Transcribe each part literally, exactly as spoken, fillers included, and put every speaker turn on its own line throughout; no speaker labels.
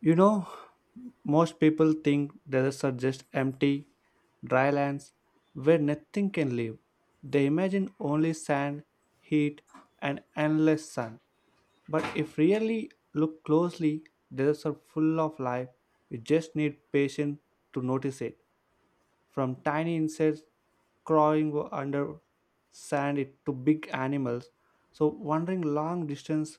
You know, most people think deserts are just empty, dry lands where nothing can live. They imagine only sand, heat, and endless sun. But if really look closely, deserts are full of life. You just need patience to notice it. From tiny insects crawling under sand it to big animals. So wandering long distance,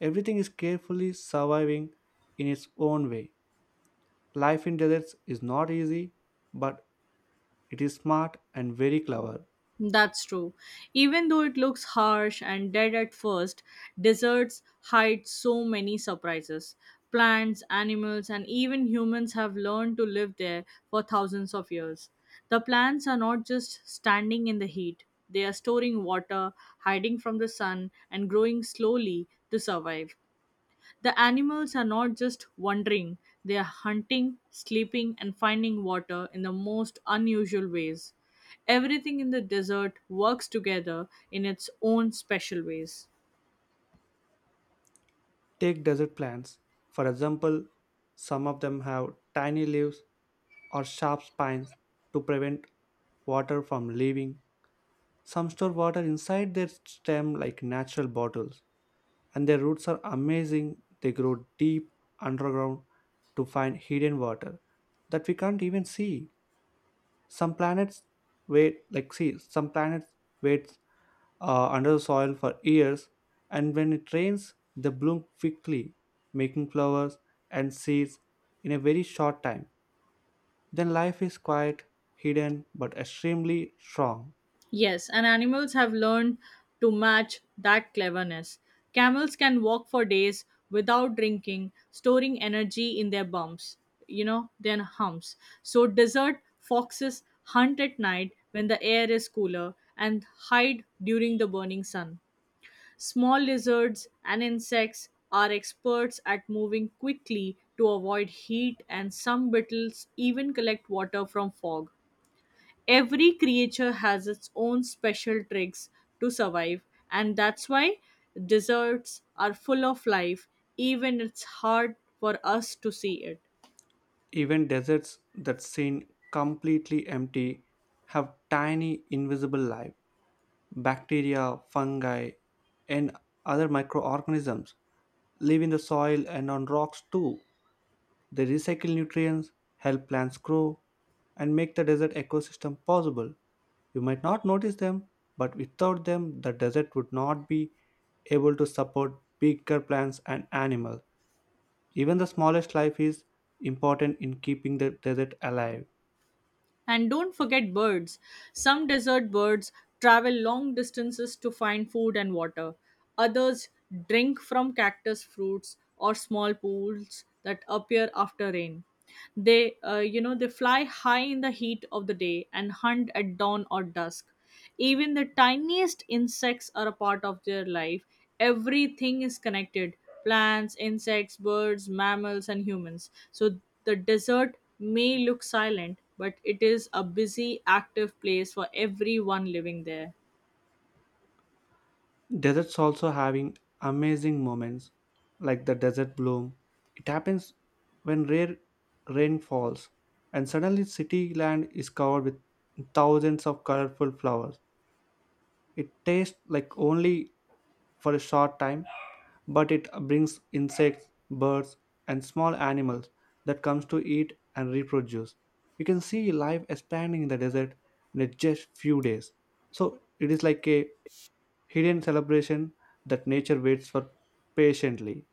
everything is carefully surviving in its own way. Life in deserts is not easy, but it is smart and very clever.
That's true. Even though it looks harsh and dead at first, deserts hide so many surprises. Plants, animals, and even humans have learned to live there for thousands of years. The plants are not just standing in the heat, they are storing water, hiding from the sun, and growing slowly to survive. The animals are not just wandering, they are hunting, sleeping, and finding water in the most unusual ways. Everything in the desert works together in its own special ways.
Take desert plants, for example, some of them have tiny leaves or sharp spines to prevent water from leaving. Some store water inside their stem like natural bottles, and their roots are amazing. They grow deep underground to find hidden water that we can't even see. Some planets wait like see some planets waits uh, under the soil for years, and when it rains, they bloom quickly, making flowers and seeds in a very short time. Then life is quiet, hidden, but extremely strong.
Yes, and animals have learned to match that cleverness. Camels can walk for days without drinking, storing energy in their bumps, you know, their humps. So, desert foxes hunt at night when the air is cooler and hide during the burning sun. Small lizards and insects are experts at moving quickly to avoid heat, and some beetles even collect water from fog. Every creature has its own special tricks to survive, and that's why deserts are full of life, even it's hard for us to see it.
Even deserts that seem completely empty have tiny invisible life. Bacteria, fungi, and other microorganisms live in the soil and on rocks too. They recycle nutrients, help plants grow, and make the desert ecosystem possible. You might not notice them, but without them, the desert would not be able to support bigger plants and animals. Even the smallest life is important in keeping the desert alive.
And don't forget birds. Some desert birds travel long distances to find food and water. Others drink from cactus fruits or small pools that appear after rain. They, uh, you know, they fly high in the heat of the day and hunt at dawn or dusk. Even the tiniest insects are a part of their life. Everything is connected plants, insects, birds, mammals, and humans. So the desert may look silent, but it is a busy, active place for everyone living there.
Deserts also having amazing moments, like the desert bloom. It happens when rare rain falls, and suddenly city land is covered with thousands of colorful flowers. It tastes like only for a short time, but it brings insects, birds, and small animals that comes to eat and reproduce. You can see life expanding in the desert in a just few days. So it is like a hidden celebration that nature waits for patiently.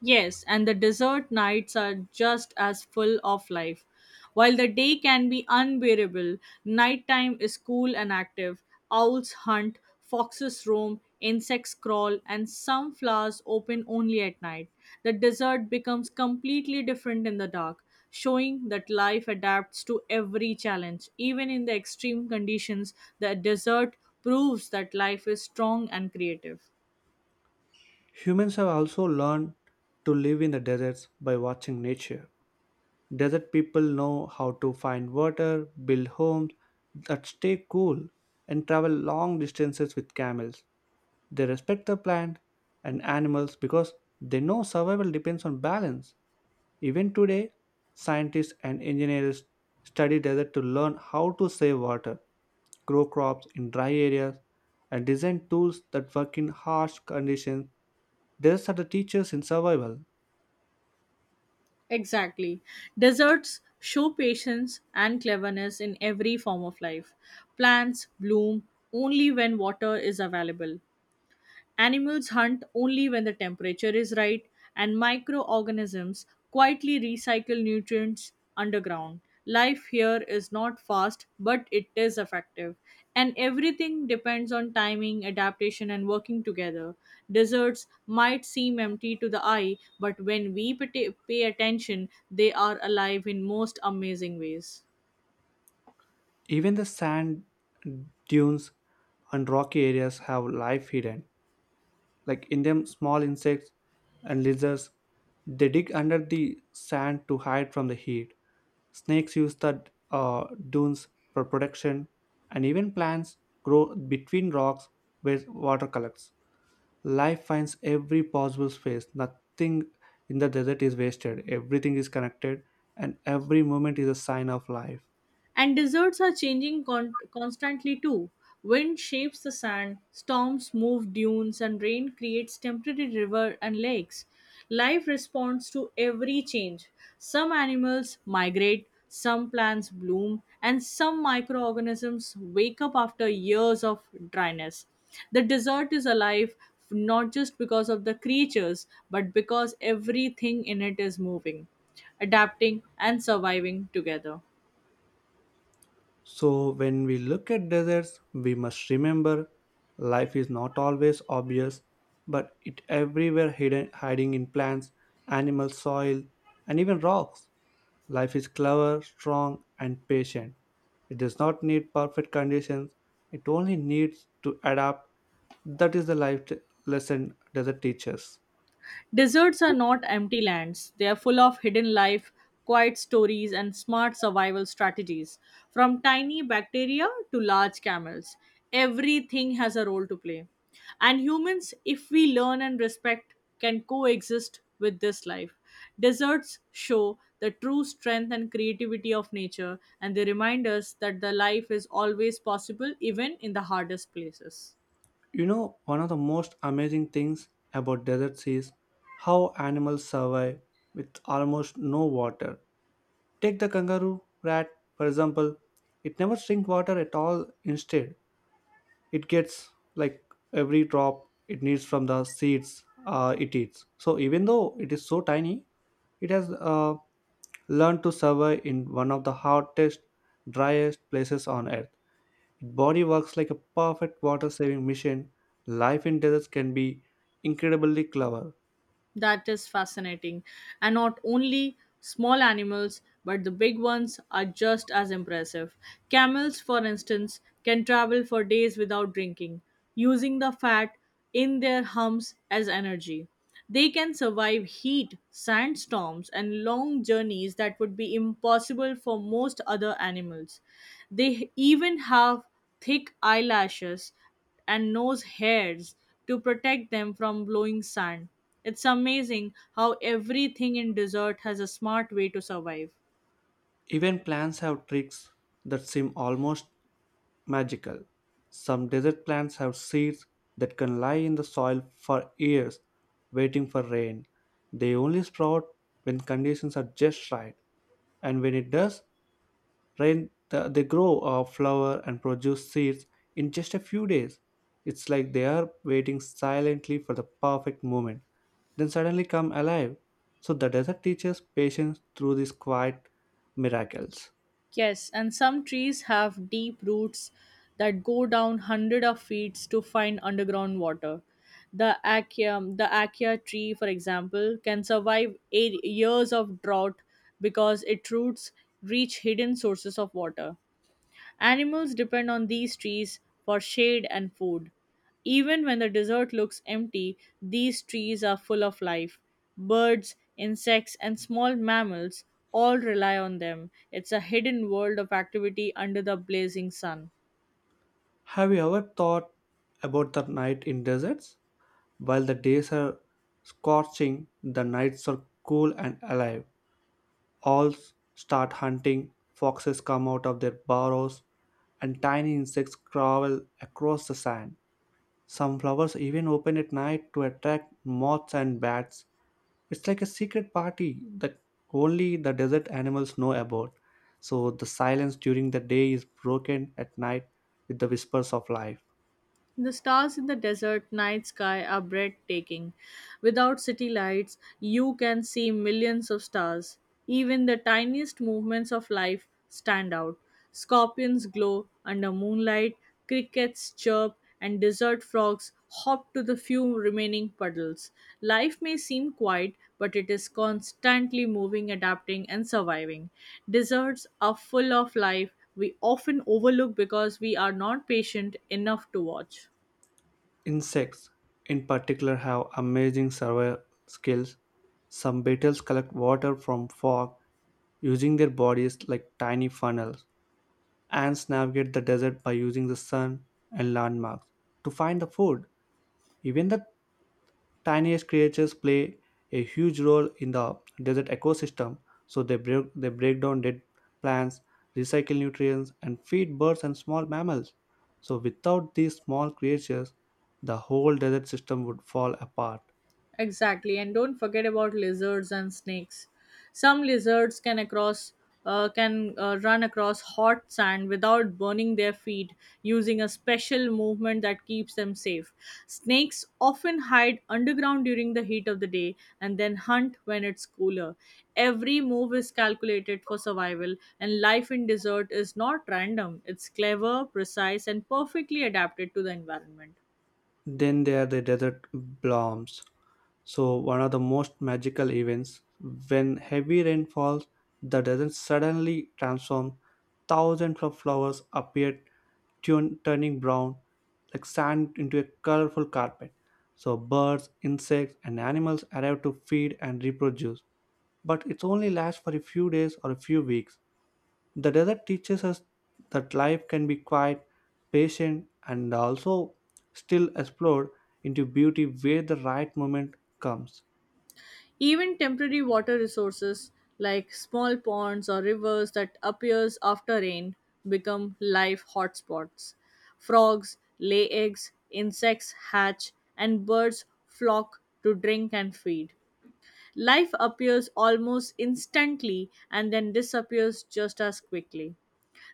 Yes, and the desert nights are just as full of life. While the day can be unbearable, nighttime is cool and active. Owls hunt, foxes roam, insects crawl, and some flowers open only at night. The desert becomes completely different in the dark, showing that life adapts to every challenge. Even in the extreme conditions, the desert proves that life is strong and creative.
Humans have also learned to live in the deserts by watching nature. Desert people know how to find water, build homes that stay cool, and travel long distances with camels. They respect the plant and animals because they know survival depends on balance. Even today, scientists and engineers study desert to learn how to save water, grow crops in dry areas, and design tools that work in harsh conditions. Deserts are the teachers in survival.
Exactly. Deserts show patience and cleverness in every form of life. Plants bloom only when water is available. Animals hunt only when the temperature is right, and microorganisms quietly recycle nutrients underground. Life here is not fast, but it is effective. And everything depends on timing, adaptation, and working together. Deserts might seem empty to the eye, but when we pay pay attention, they are alive in most amazing ways.
Even the sand dunes and rocky areas have life hidden. Like in them, small insects and lizards they dig under the sand to hide from the heat. Snakes use the uh, dunes for protection, and even plants grow between rocks where water collects. Life finds every possible space. Nothing in the desert is wasted. Everything is connected, and every moment is a sign of life.
And deserts are changing con- constantly too. Wind shapes the sand, storms move dunes, and rain creates temporary river and lakes. Life responds to every change. Some animals migrate, some plants bloom, and some microorganisms wake up after years of dryness. The desert is alive not just because of the creatures, but because everything in it is moving, adapting, and surviving together.
So, when we look at deserts, we must remember life is not always obvious, but it everywhere hidden, hiding in plants, animal soil, and even rocks. Life is clever, strong, and patient. It does not need perfect conditions, it only needs to adapt. That is the life t- lesson desert teaches.
Deserts are not empty lands, they are full of hidden life, quiet stories, and smart survival strategies. From tiny bacteria to large camels, everything has a role to play. And humans, if we learn and respect, can coexist with this life. Deserts show the true strength and creativity of nature, and they remind us that the life is always possible, even in the hardest places.
You know, one of the most amazing things about deserts is how animals survive with almost no water. Take the kangaroo rat, for example. It never drinks water at all. Instead, it gets like every drop it needs from the seeds uh, it eats. So even though it is so tiny, it has uh, learned to survive in one of the hottest, driest places on earth. Its body works like a perfect water-saving machine. Life in deserts can be incredibly clever.
That is fascinating. And not only small animals, but the big ones are just as impressive. Camels, for instance, can travel for days without drinking, using the fat in their humps as energy. They can survive heat, sandstorms, and long journeys that would be impossible for most other animals. They even have thick eyelashes and nose hairs to protect them from blowing sand. It's amazing how everything in desert has a smart way to survive.
Even plants have tricks that seem almost magical. Some desert plants have seeds that can lie in the soil for years waiting for rain. They only sprout when conditions are just right, and when it does rain, th- they grow a flower and produce seeds in just a few days. It's like they are waiting silently for the perfect moment, then suddenly come alive. So the desert teaches patience through these quiet miracles.
Yes, and some trees have deep roots that go down hundred of feet to find underground water. The acacia, the acacia tree, for example, can survive eight years of drought because its roots reach hidden sources of water. Animals depend on these trees for shade and food. Even when the desert looks empty, these trees are full of life. Birds, insects, and small mammals all rely on them. It's a hidden world of activity under the blazing sun.
Have you ever thought about the night in deserts? While the days are scorching, the nights are cool and alive. All start hunting, foxes come out of their burrows, and tiny insects crawl across the sand. Some flowers even open at night to attract moths and bats. It's like a secret party that only the desert animals know about. So the silence during the day is broken at night with the whispers of life.
The stars in the desert night sky are breathtaking. Without city lights, you can see millions of stars. Even the tiniest movements of life stand out. Scorpions glow under moonlight, crickets chirp, and desert frogs hop to the few remaining puddles. Life may seem quiet, but it is constantly moving, adapting, and surviving. Deserts are full of life, we often overlook because we are not patient enough to watch.
Insects, in particular, have amazing survival skills. Some beetles collect water from fog using their bodies like tiny funnels. Ants navigate the desert by using the sun and landmarks to find the food. Even the tiniest creatures play a huge role in the desert ecosystem, so they break, they break down dead plants, recycle nutrients, and feed birds and small mammals. So, without these small creatures, the whole desert system would fall apart.
Exactly, and don't forget about lizards and snakes. Some lizards can across uh, can uh, run across hot sand without burning their feet using a special movement that keeps them safe. Snakes often hide underground during the heat of the day and then hunt when it's cooler. Every move is calculated for survival, and life in desert is not random. It's clever, precise, and perfectly adapted to the environment.
Then there are the desert blooms. So, one of the most magical events when heavy rain falls, the desert suddenly transforms. Thousands of flowers appeared, tun- turning brown like sand into a colorful carpet. So, birds, insects, and animals arrive to feed and reproduce. But it only lasts for a few days or a few weeks. The desert teaches us that life can be quiet, patient, and also still explored into beauty where the right moment comes.
Even temporary water resources like small ponds or rivers that appears after rain become life hotspots. Frogs lay eggs, insects hatch, and birds flock to drink and feed. Life appears almost instantly and then disappears just as quickly.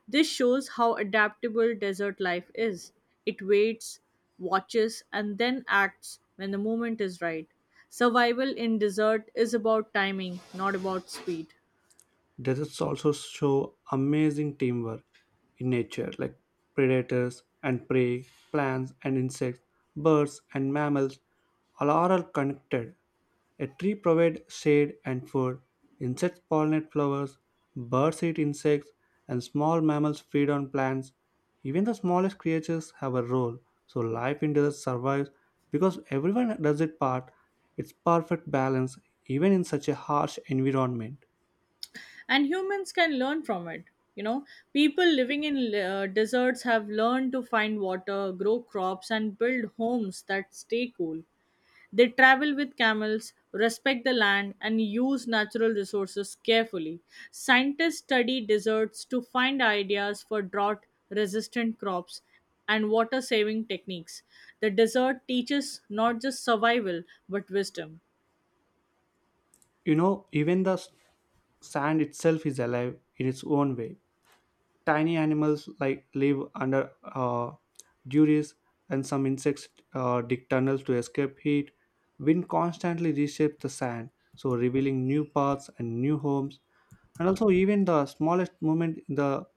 This shows how adaptable desert life is. It waits, watches, and then acts when the moment is right. Survival in desert is about timing, not about speed.
Deserts also show amazing teamwork in nature, like predators and prey, plants and insects, birds and mammals, all are all connected. A tree provides shade and food. Insects pollinate flowers, birds eat insects, and small mammals feed on plants. Even the smallest creatures have a role, so life in desert survives because everyone does its part. It's perfect balance even in such a harsh environment.
And humans can learn from it. You know, people living in uh, deserts have learned to find water, grow crops, and build homes that stay cool. They travel with camels, respect the land, and use natural resources carefully. Scientists study deserts to find ideas for drought resistant crops and water saving techniques. The desert teaches not just survival but wisdom.
You know, even the s- sand itself is alive in its own way. Tiny animals like live under uh, duries, and some insects uh, dig tunnels to escape heat. Wind constantly reshapes the sand, so revealing new paths and new homes. And also, even the smallest movement in the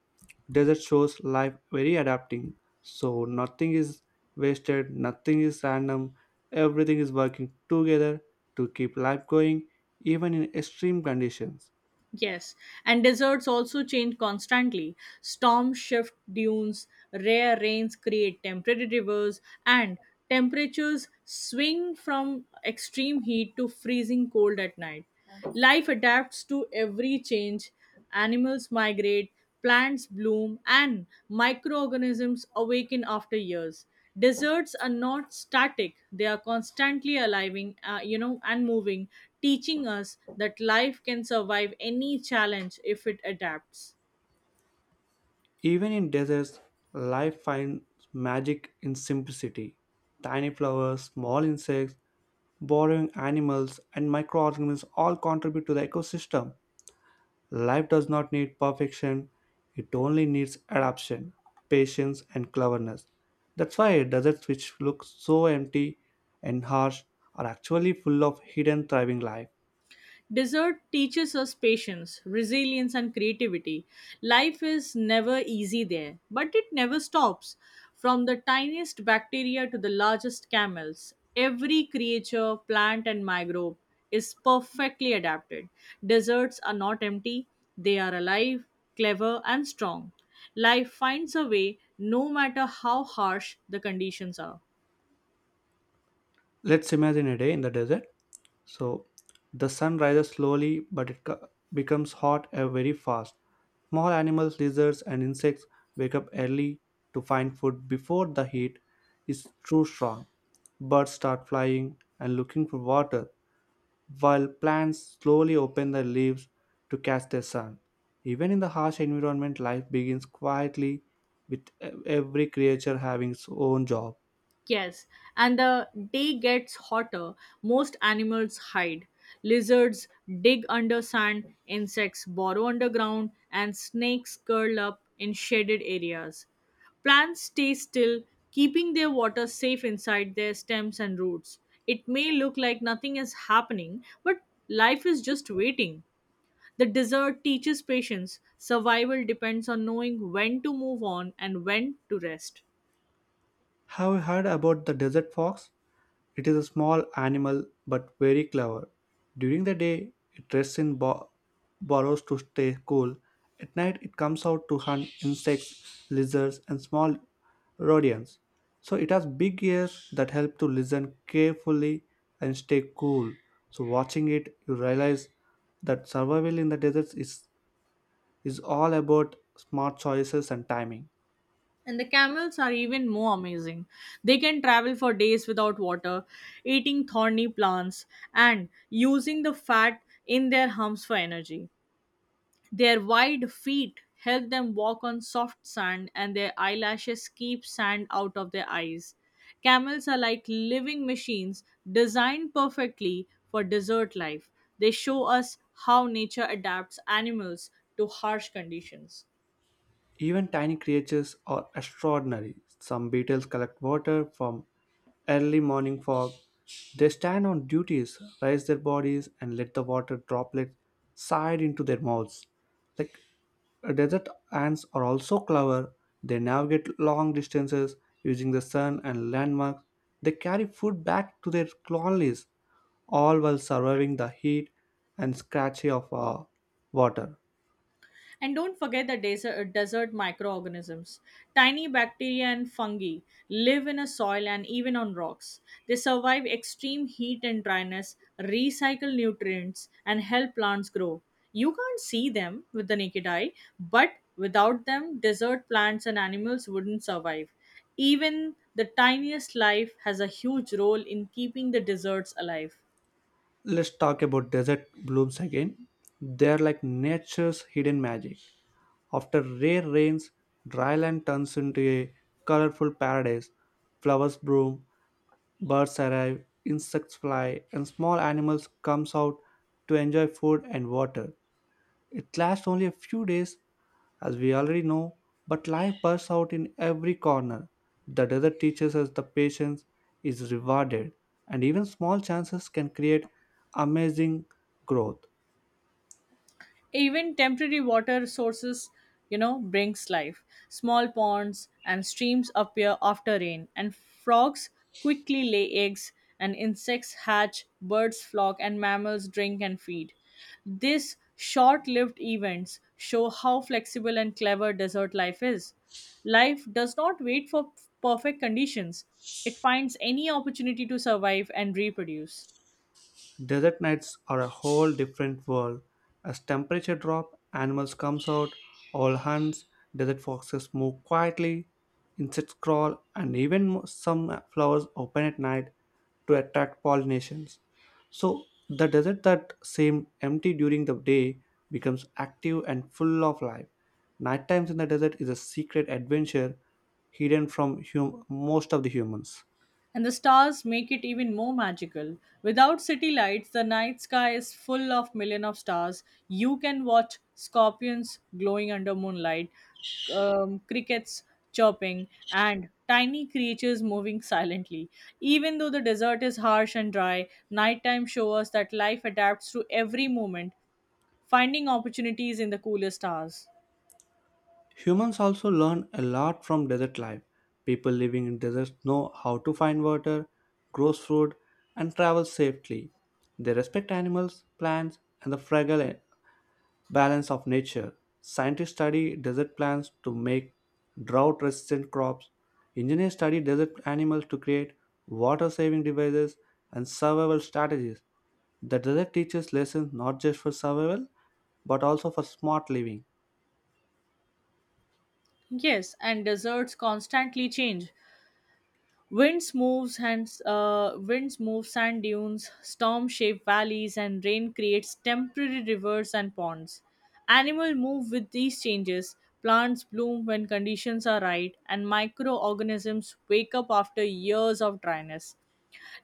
desert shows life very adapting, so nothing is wasted, nothing is random, everything is working together to keep life going, even in extreme conditions.
Yes, and deserts also change constantly. Storms shift dunes, rare rains create temporary rivers, and temperatures swing from extreme heat to freezing cold at night. Life adapts to every change, Animals migrate, plants bloom, and microorganisms awaken after years. Deserts are not static, they are constantly alive, uh, you know, and moving, teaching us that life can survive any challenge if it adapts.
Even in deserts, life finds magic in simplicity. Tiny flowers, small insects, burrowing animals, and microorganisms all contribute to the ecosystem. Life does not need perfection, it only needs adaptation, patience, and cleverness. That's why deserts which look so empty and harsh are actually full of hidden thriving life.
Dessert teaches us patience, resilience, and creativity. Life is never easy there, but it never stops. From the tiniest bacteria to the largest camels, every creature, plant, and microbe is perfectly adapted. Deserts are not empty, they are alive, clever, and strong. Life finds a way no matter how harsh the conditions are.
Let's imagine a day in the desert. So, the sun rises slowly, but it co- becomes hot uh, very fast. Small animals, lizards, and insects wake up early to find food before the heat is too strong. Birds start flying and looking for water while plants slowly open their leaves to catch the sun. Even in the harsh environment, life begins quietly with e- every creature having its own job.
Yes, and the day gets hotter, most animals hide. Lizards dig under sand, insects burrow underground, and snakes curl up in shaded areas. Plants stay still, keeping their water safe inside their stems and roots. It may look like nothing is happening, but life is just waiting. The desert teaches patience. Survival depends on knowing when to move on and when to rest.
Have you heard about the desert fox? It is a small animal but very clever. During the day, it rests in bo- burrows to stay cool. At night, it comes out to hunt insects, lizards, and small rodents. So it has big ears that help to listen carefully and stay cool. So watching it, you realize that survival in the deserts is is all about smart choices and timing.
And the camels are even more amazing. They can travel for days without water, eating thorny plants, and using the fat in their humps for energy. Their wide feet help them walk on soft sand, and their eyelashes keep sand out of their eyes. Camels are like living machines designed perfectly for desert life. They show us how nature adapts animals to harsh conditions.
Even tiny creatures are extraordinary. Some beetles collect water from early morning fog. They stand on duties, raise their bodies, and let the water droplets side into their mouths. Like uh, desert ants are also clever. They navigate long distances using the sun and landmarks. They carry food back to their colonies, all while surviving the heat and scratchy of uh, water.
And don't forget the desert, desert microorganisms. Tiny bacteria and fungi live in a soil and even on rocks. They survive extreme heat and dryness, recycle nutrients, and help plants grow. You can't see them with the naked eye, but without them, desert plants and animals wouldn't survive. Even the tiniest life has a huge role in keeping the deserts alive.
Let's talk about desert blooms again. They are like nature's hidden magic. After rare rains, dry land turns into a colorful paradise. Flowers bloom, birds arrive, insects fly, and small animals comes out to enjoy food and water. It lasts only a few days, as we already know, but life bursts out in every corner. The desert teaches us the patience is rewarded, and even small chances can create amazing growth.
Even temporary water sources, you know brings life. Small ponds and streams appear after rain, and frogs quickly lay eggs, and insects hatch, birds flock, and mammals drink and feed. These short-lived events show how flexible and clever desert life is. Life does not wait for perfect conditions, it finds any opportunity to survive and reproduce.
Desert nights are a whole different world. As temperature drop, animals comes out, all hunts, desert foxes move quietly, insects crawl, and even mo- some flowers open at night to attract pollinations. So the desert that seemed empty during the day becomes active and full of life. Night times in the desert is a secret adventure hidden from hum- most of the humans.
And the stars make it even more magical. Without city lights, the night sky is full of million of stars. You can watch scorpions glowing under moonlight, um, crickets chirping, and tiny creatures moving silently. Even though the desert is harsh and dry, nighttime shows us that life adapts to every moment, finding opportunities in the coolest hours.
Humans also learn a lot from desert life. People living in deserts know how to find water, grow food, and travel safely. They respect animals, plants, and the fragile balance of nature. Scientists study desert plants to make drought resistant crops. Engineers study desert animals to create water saving devices and survival strategies. The desert teaches lessons not just for survival but also for smart living.
Yes, and deserts constantly change. Winds moves and uh, winds move sand dunes, storm shape valleys, and rain creates temporary rivers and ponds. Animals move with these changes. Plants bloom when conditions are right, and microorganisms wake up after years of dryness.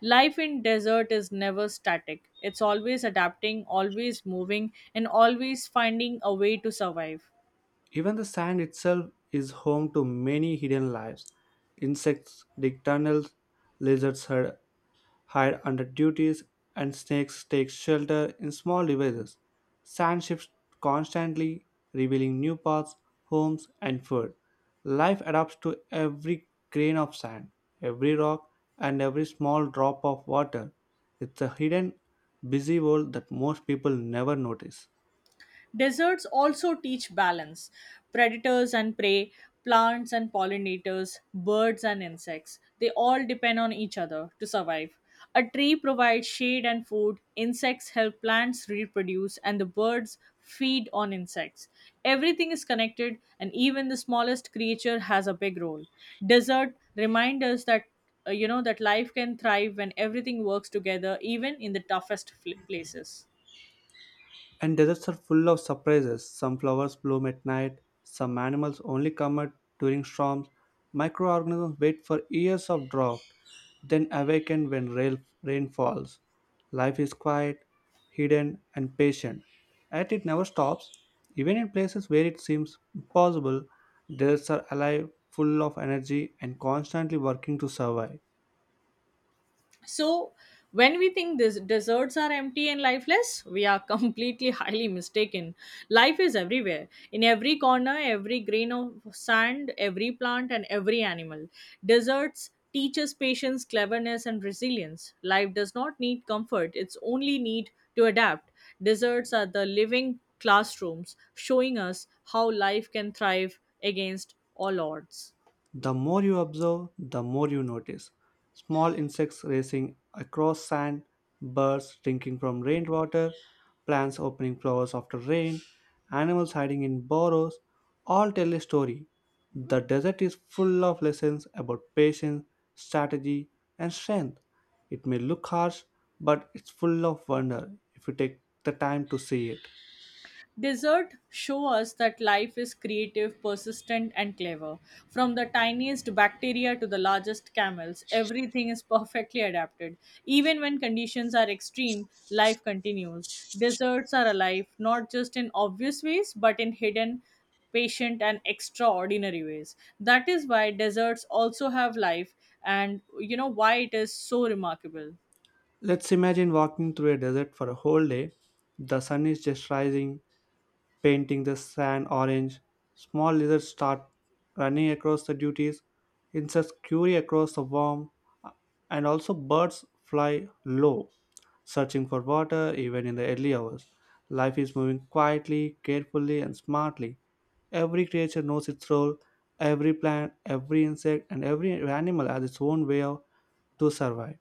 Life in desert is never static. It's always adapting, always moving, and always finding a way to survive.
Even the sand itself is home to many hidden lives. Insects dig tunnels, lizards hide hide under duties, and snakes take shelter in small devices. Sand shifts constantly, revealing new paths, homes, and food. Life adapts to every grain of sand, every rock, and every small drop of water. It's a hidden, busy world that most people never notice.
Deserts also teach balance predators and prey, plants and pollinators, birds and insects. They all depend on each other to survive. A tree provides shade and food, insects help plants reproduce, and the birds feed on insects. Everything is connected, and even the smallest creature has a big role. Desert reminds us that uh, you know that life can thrive when everything works together even in the toughest fl- places.
And deserts are full of surprises. Some flowers bloom at night, some animals only come out during storms. Microorganisms wait for years of drought, then awaken when rail- rain falls. Life is quiet, hidden, and patient. Yet it never stops. Even in places where it seems impossible, deserts are alive, full of energy, and constantly working to survive.
So, when we think this deserts are empty and lifeless, we are completely highly mistaken. Life is everywhere, in every corner, every grain of sand, every plant, and every animal. Deserts teach us patience, cleverness, and resilience. Life does not need comfort; it's only need to adapt. Deserts are the living classrooms, showing us how life can thrive against all odds.
The more you observe, the more you notice. Small insects racing across sand, birds drinking from rainwater, plants opening flowers after rain, animals hiding in burrows all tell a story. The desert is full of lessons about patience, strategy, and strength. It may look harsh, but it's full of wonder if you take the time to see it.
Desert show us that life is creative, persistent, and clever. From the tiniest bacteria to the largest camels, everything is perfectly adapted. Even when conditions are extreme, life continues. Deserts are alive, not just in obvious ways, but in hidden, patient, and extraordinary ways. That is why deserts also have life, and you know why it is so remarkable.
Let's imagine walking through a desert for a whole day. The sun is just rising, painting the sand orange. Small lizards start running across the duties, insects scurry across the warm, and also birds fly low, searching for water even in the early hours. Life is moving quietly, carefully, and smartly. Every creature knows its role, every plant, every insect, and every animal has its own way of- to survive.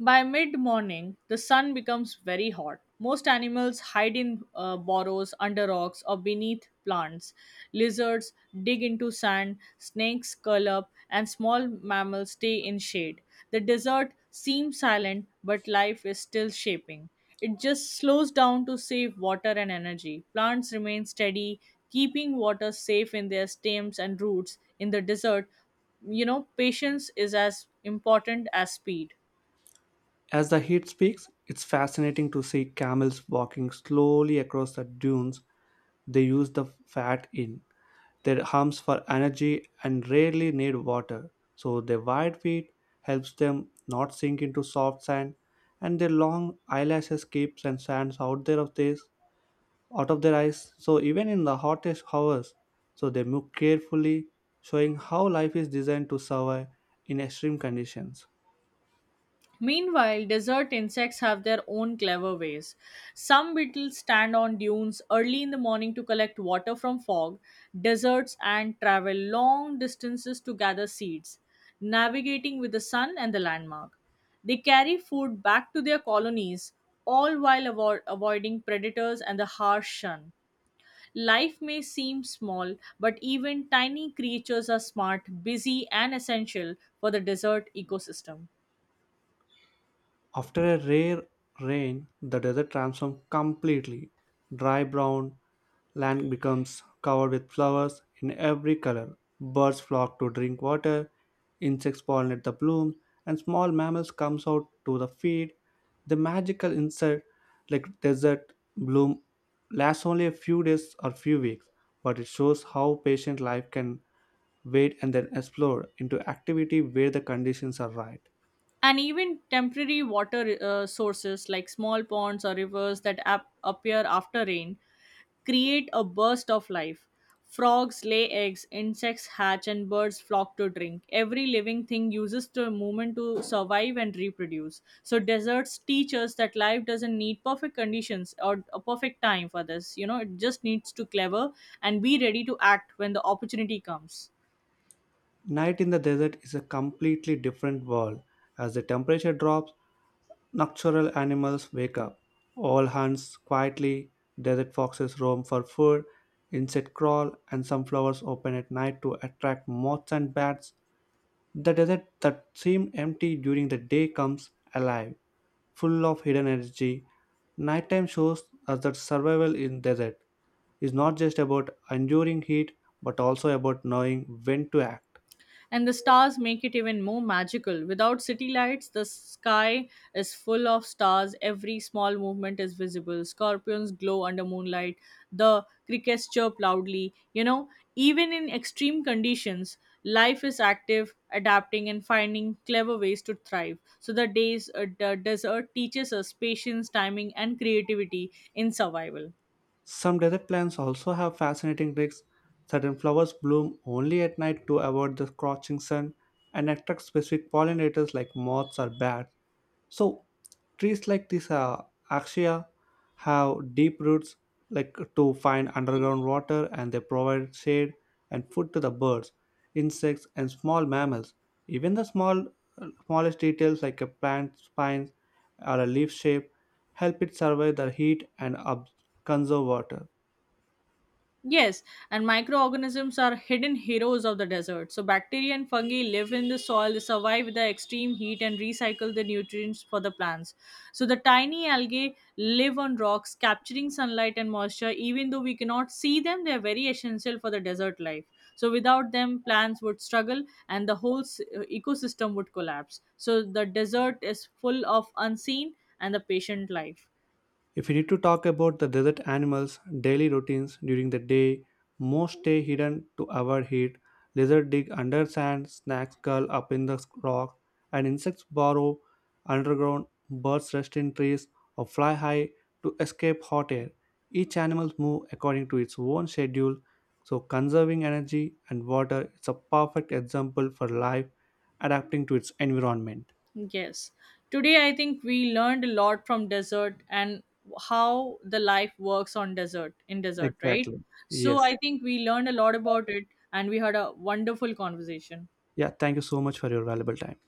By mid morning, the sun becomes very hot. Most animals hide in uh, burrows, under rocks, or beneath plants. Lizards dig into sand, snakes curl up, and small mammals stay in shade. The desert seems silent, but life is still shaping. It just slows down to save water and energy. Plants remain steady, keeping water safe in their stems and roots. In the desert, you know, patience is as important as speed.
As the heat speaks, it's fascinating to see camels walking slowly across the dunes. They use the fat in their arms for energy and rarely need water. So their wide feet helps them not sink into soft sand, and their long eyelashes keeps and sands out there of this out of their eyes. So even in the hottest hours, so they move carefully, showing how life is designed to survive in extreme conditions.
Meanwhile, desert insects have their own clever ways. Some beetles stand on dunes early in the morning to collect water from fog, deserts, and travel long distances to gather seeds, navigating with the sun and the landmark. They carry food back to their colonies, all while avo- avoiding predators and the harsh sun. Life may seem small, but even tiny creatures are smart, busy, and essential for the desert ecosystem.
After a rare rain, the desert transforms completely. Dry brown land becomes covered with flowers in every color. Birds flock to drink water, insects pollinate the blooms, and small mammals comes out to the feed. The magical insect like desert bloom lasts only a few days or few weeks, but it shows how patient life can wait and then explore into activity where the conditions are right.
And even temporary water uh, sources like small ponds or rivers that ap- appear after rain create a burst of life. Frogs lay eggs, insects hatch, and birds flock to drink. Every living thing uses the movement to survive and reproduce. So, deserts teach us that life doesn't need perfect conditions or a perfect time for this. You know, it just needs to clever and be ready to act when the opportunity comes.
Night in the desert is a completely different world as the temperature drops. Nocturnal animals wake up. All hunts quietly, desert foxes roam for food, insects crawl, and some flowers open at night to attract moths and bats. The desert that seemed empty during the day comes alive, full of hidden energy. Nighttime shows us that survival in desert is not just about enduring heat but also about knowing when to act.
And the stars make it even more magical. Without city lights, the sky is full of stars. Every small movement is visible. Scorpions glow under moonlight. The crickets chirp loudly. You know, even in extreme conditions, life is active, adapting, and finding clever ways to thrive. So, the days, uh, the desert teaches us patience, timing, and creativity in survival.
Some desert plants also have fascinating tricks. Certain flowers bloom only at night to avoid the scorching sun and attract specific pollinators like moths or bats. So, trees like this uh, axia have deep roots like to find underground water and they provide shade and food to the birds, insects and small mammals. Even the small smallest details like a plant spines or a leaf shape help it survive the heat and ob- conserve water.
Yes, and microorganisms are hidden heroes of the desert. So, bacteria and fungi live in the soil, they survive the extreme heat, and recycle the nutrients for the plants. So, the tiny algae live on rocks, capturing sunlight and moisture. Even though we cannot see them, they are very essential for the desert life. So, without them, plants would struggle and the whole s- uh, ecosystem would collapse. So, the desert is full of unseen and the patient life.
If you need to talk about the desert animals' daily routines during the day, most stay hidden to avoid heat. Lizards dig under sand, snakes curl up in the rock, and insects burrow underground. Birds rest in trees or fly high to escape hot air. Each animal moves according to its own schedule, so conserving energy and water is a perfect example for life adapting to its environment.
Yes. Today, I think we learned a lot from desert and how the life works on desert, in desert, right?
Exactly.
So
Yes.
I think we learned a lot about it and we had a wonderful conversation.
Yeah, thank you so much for your valuable time.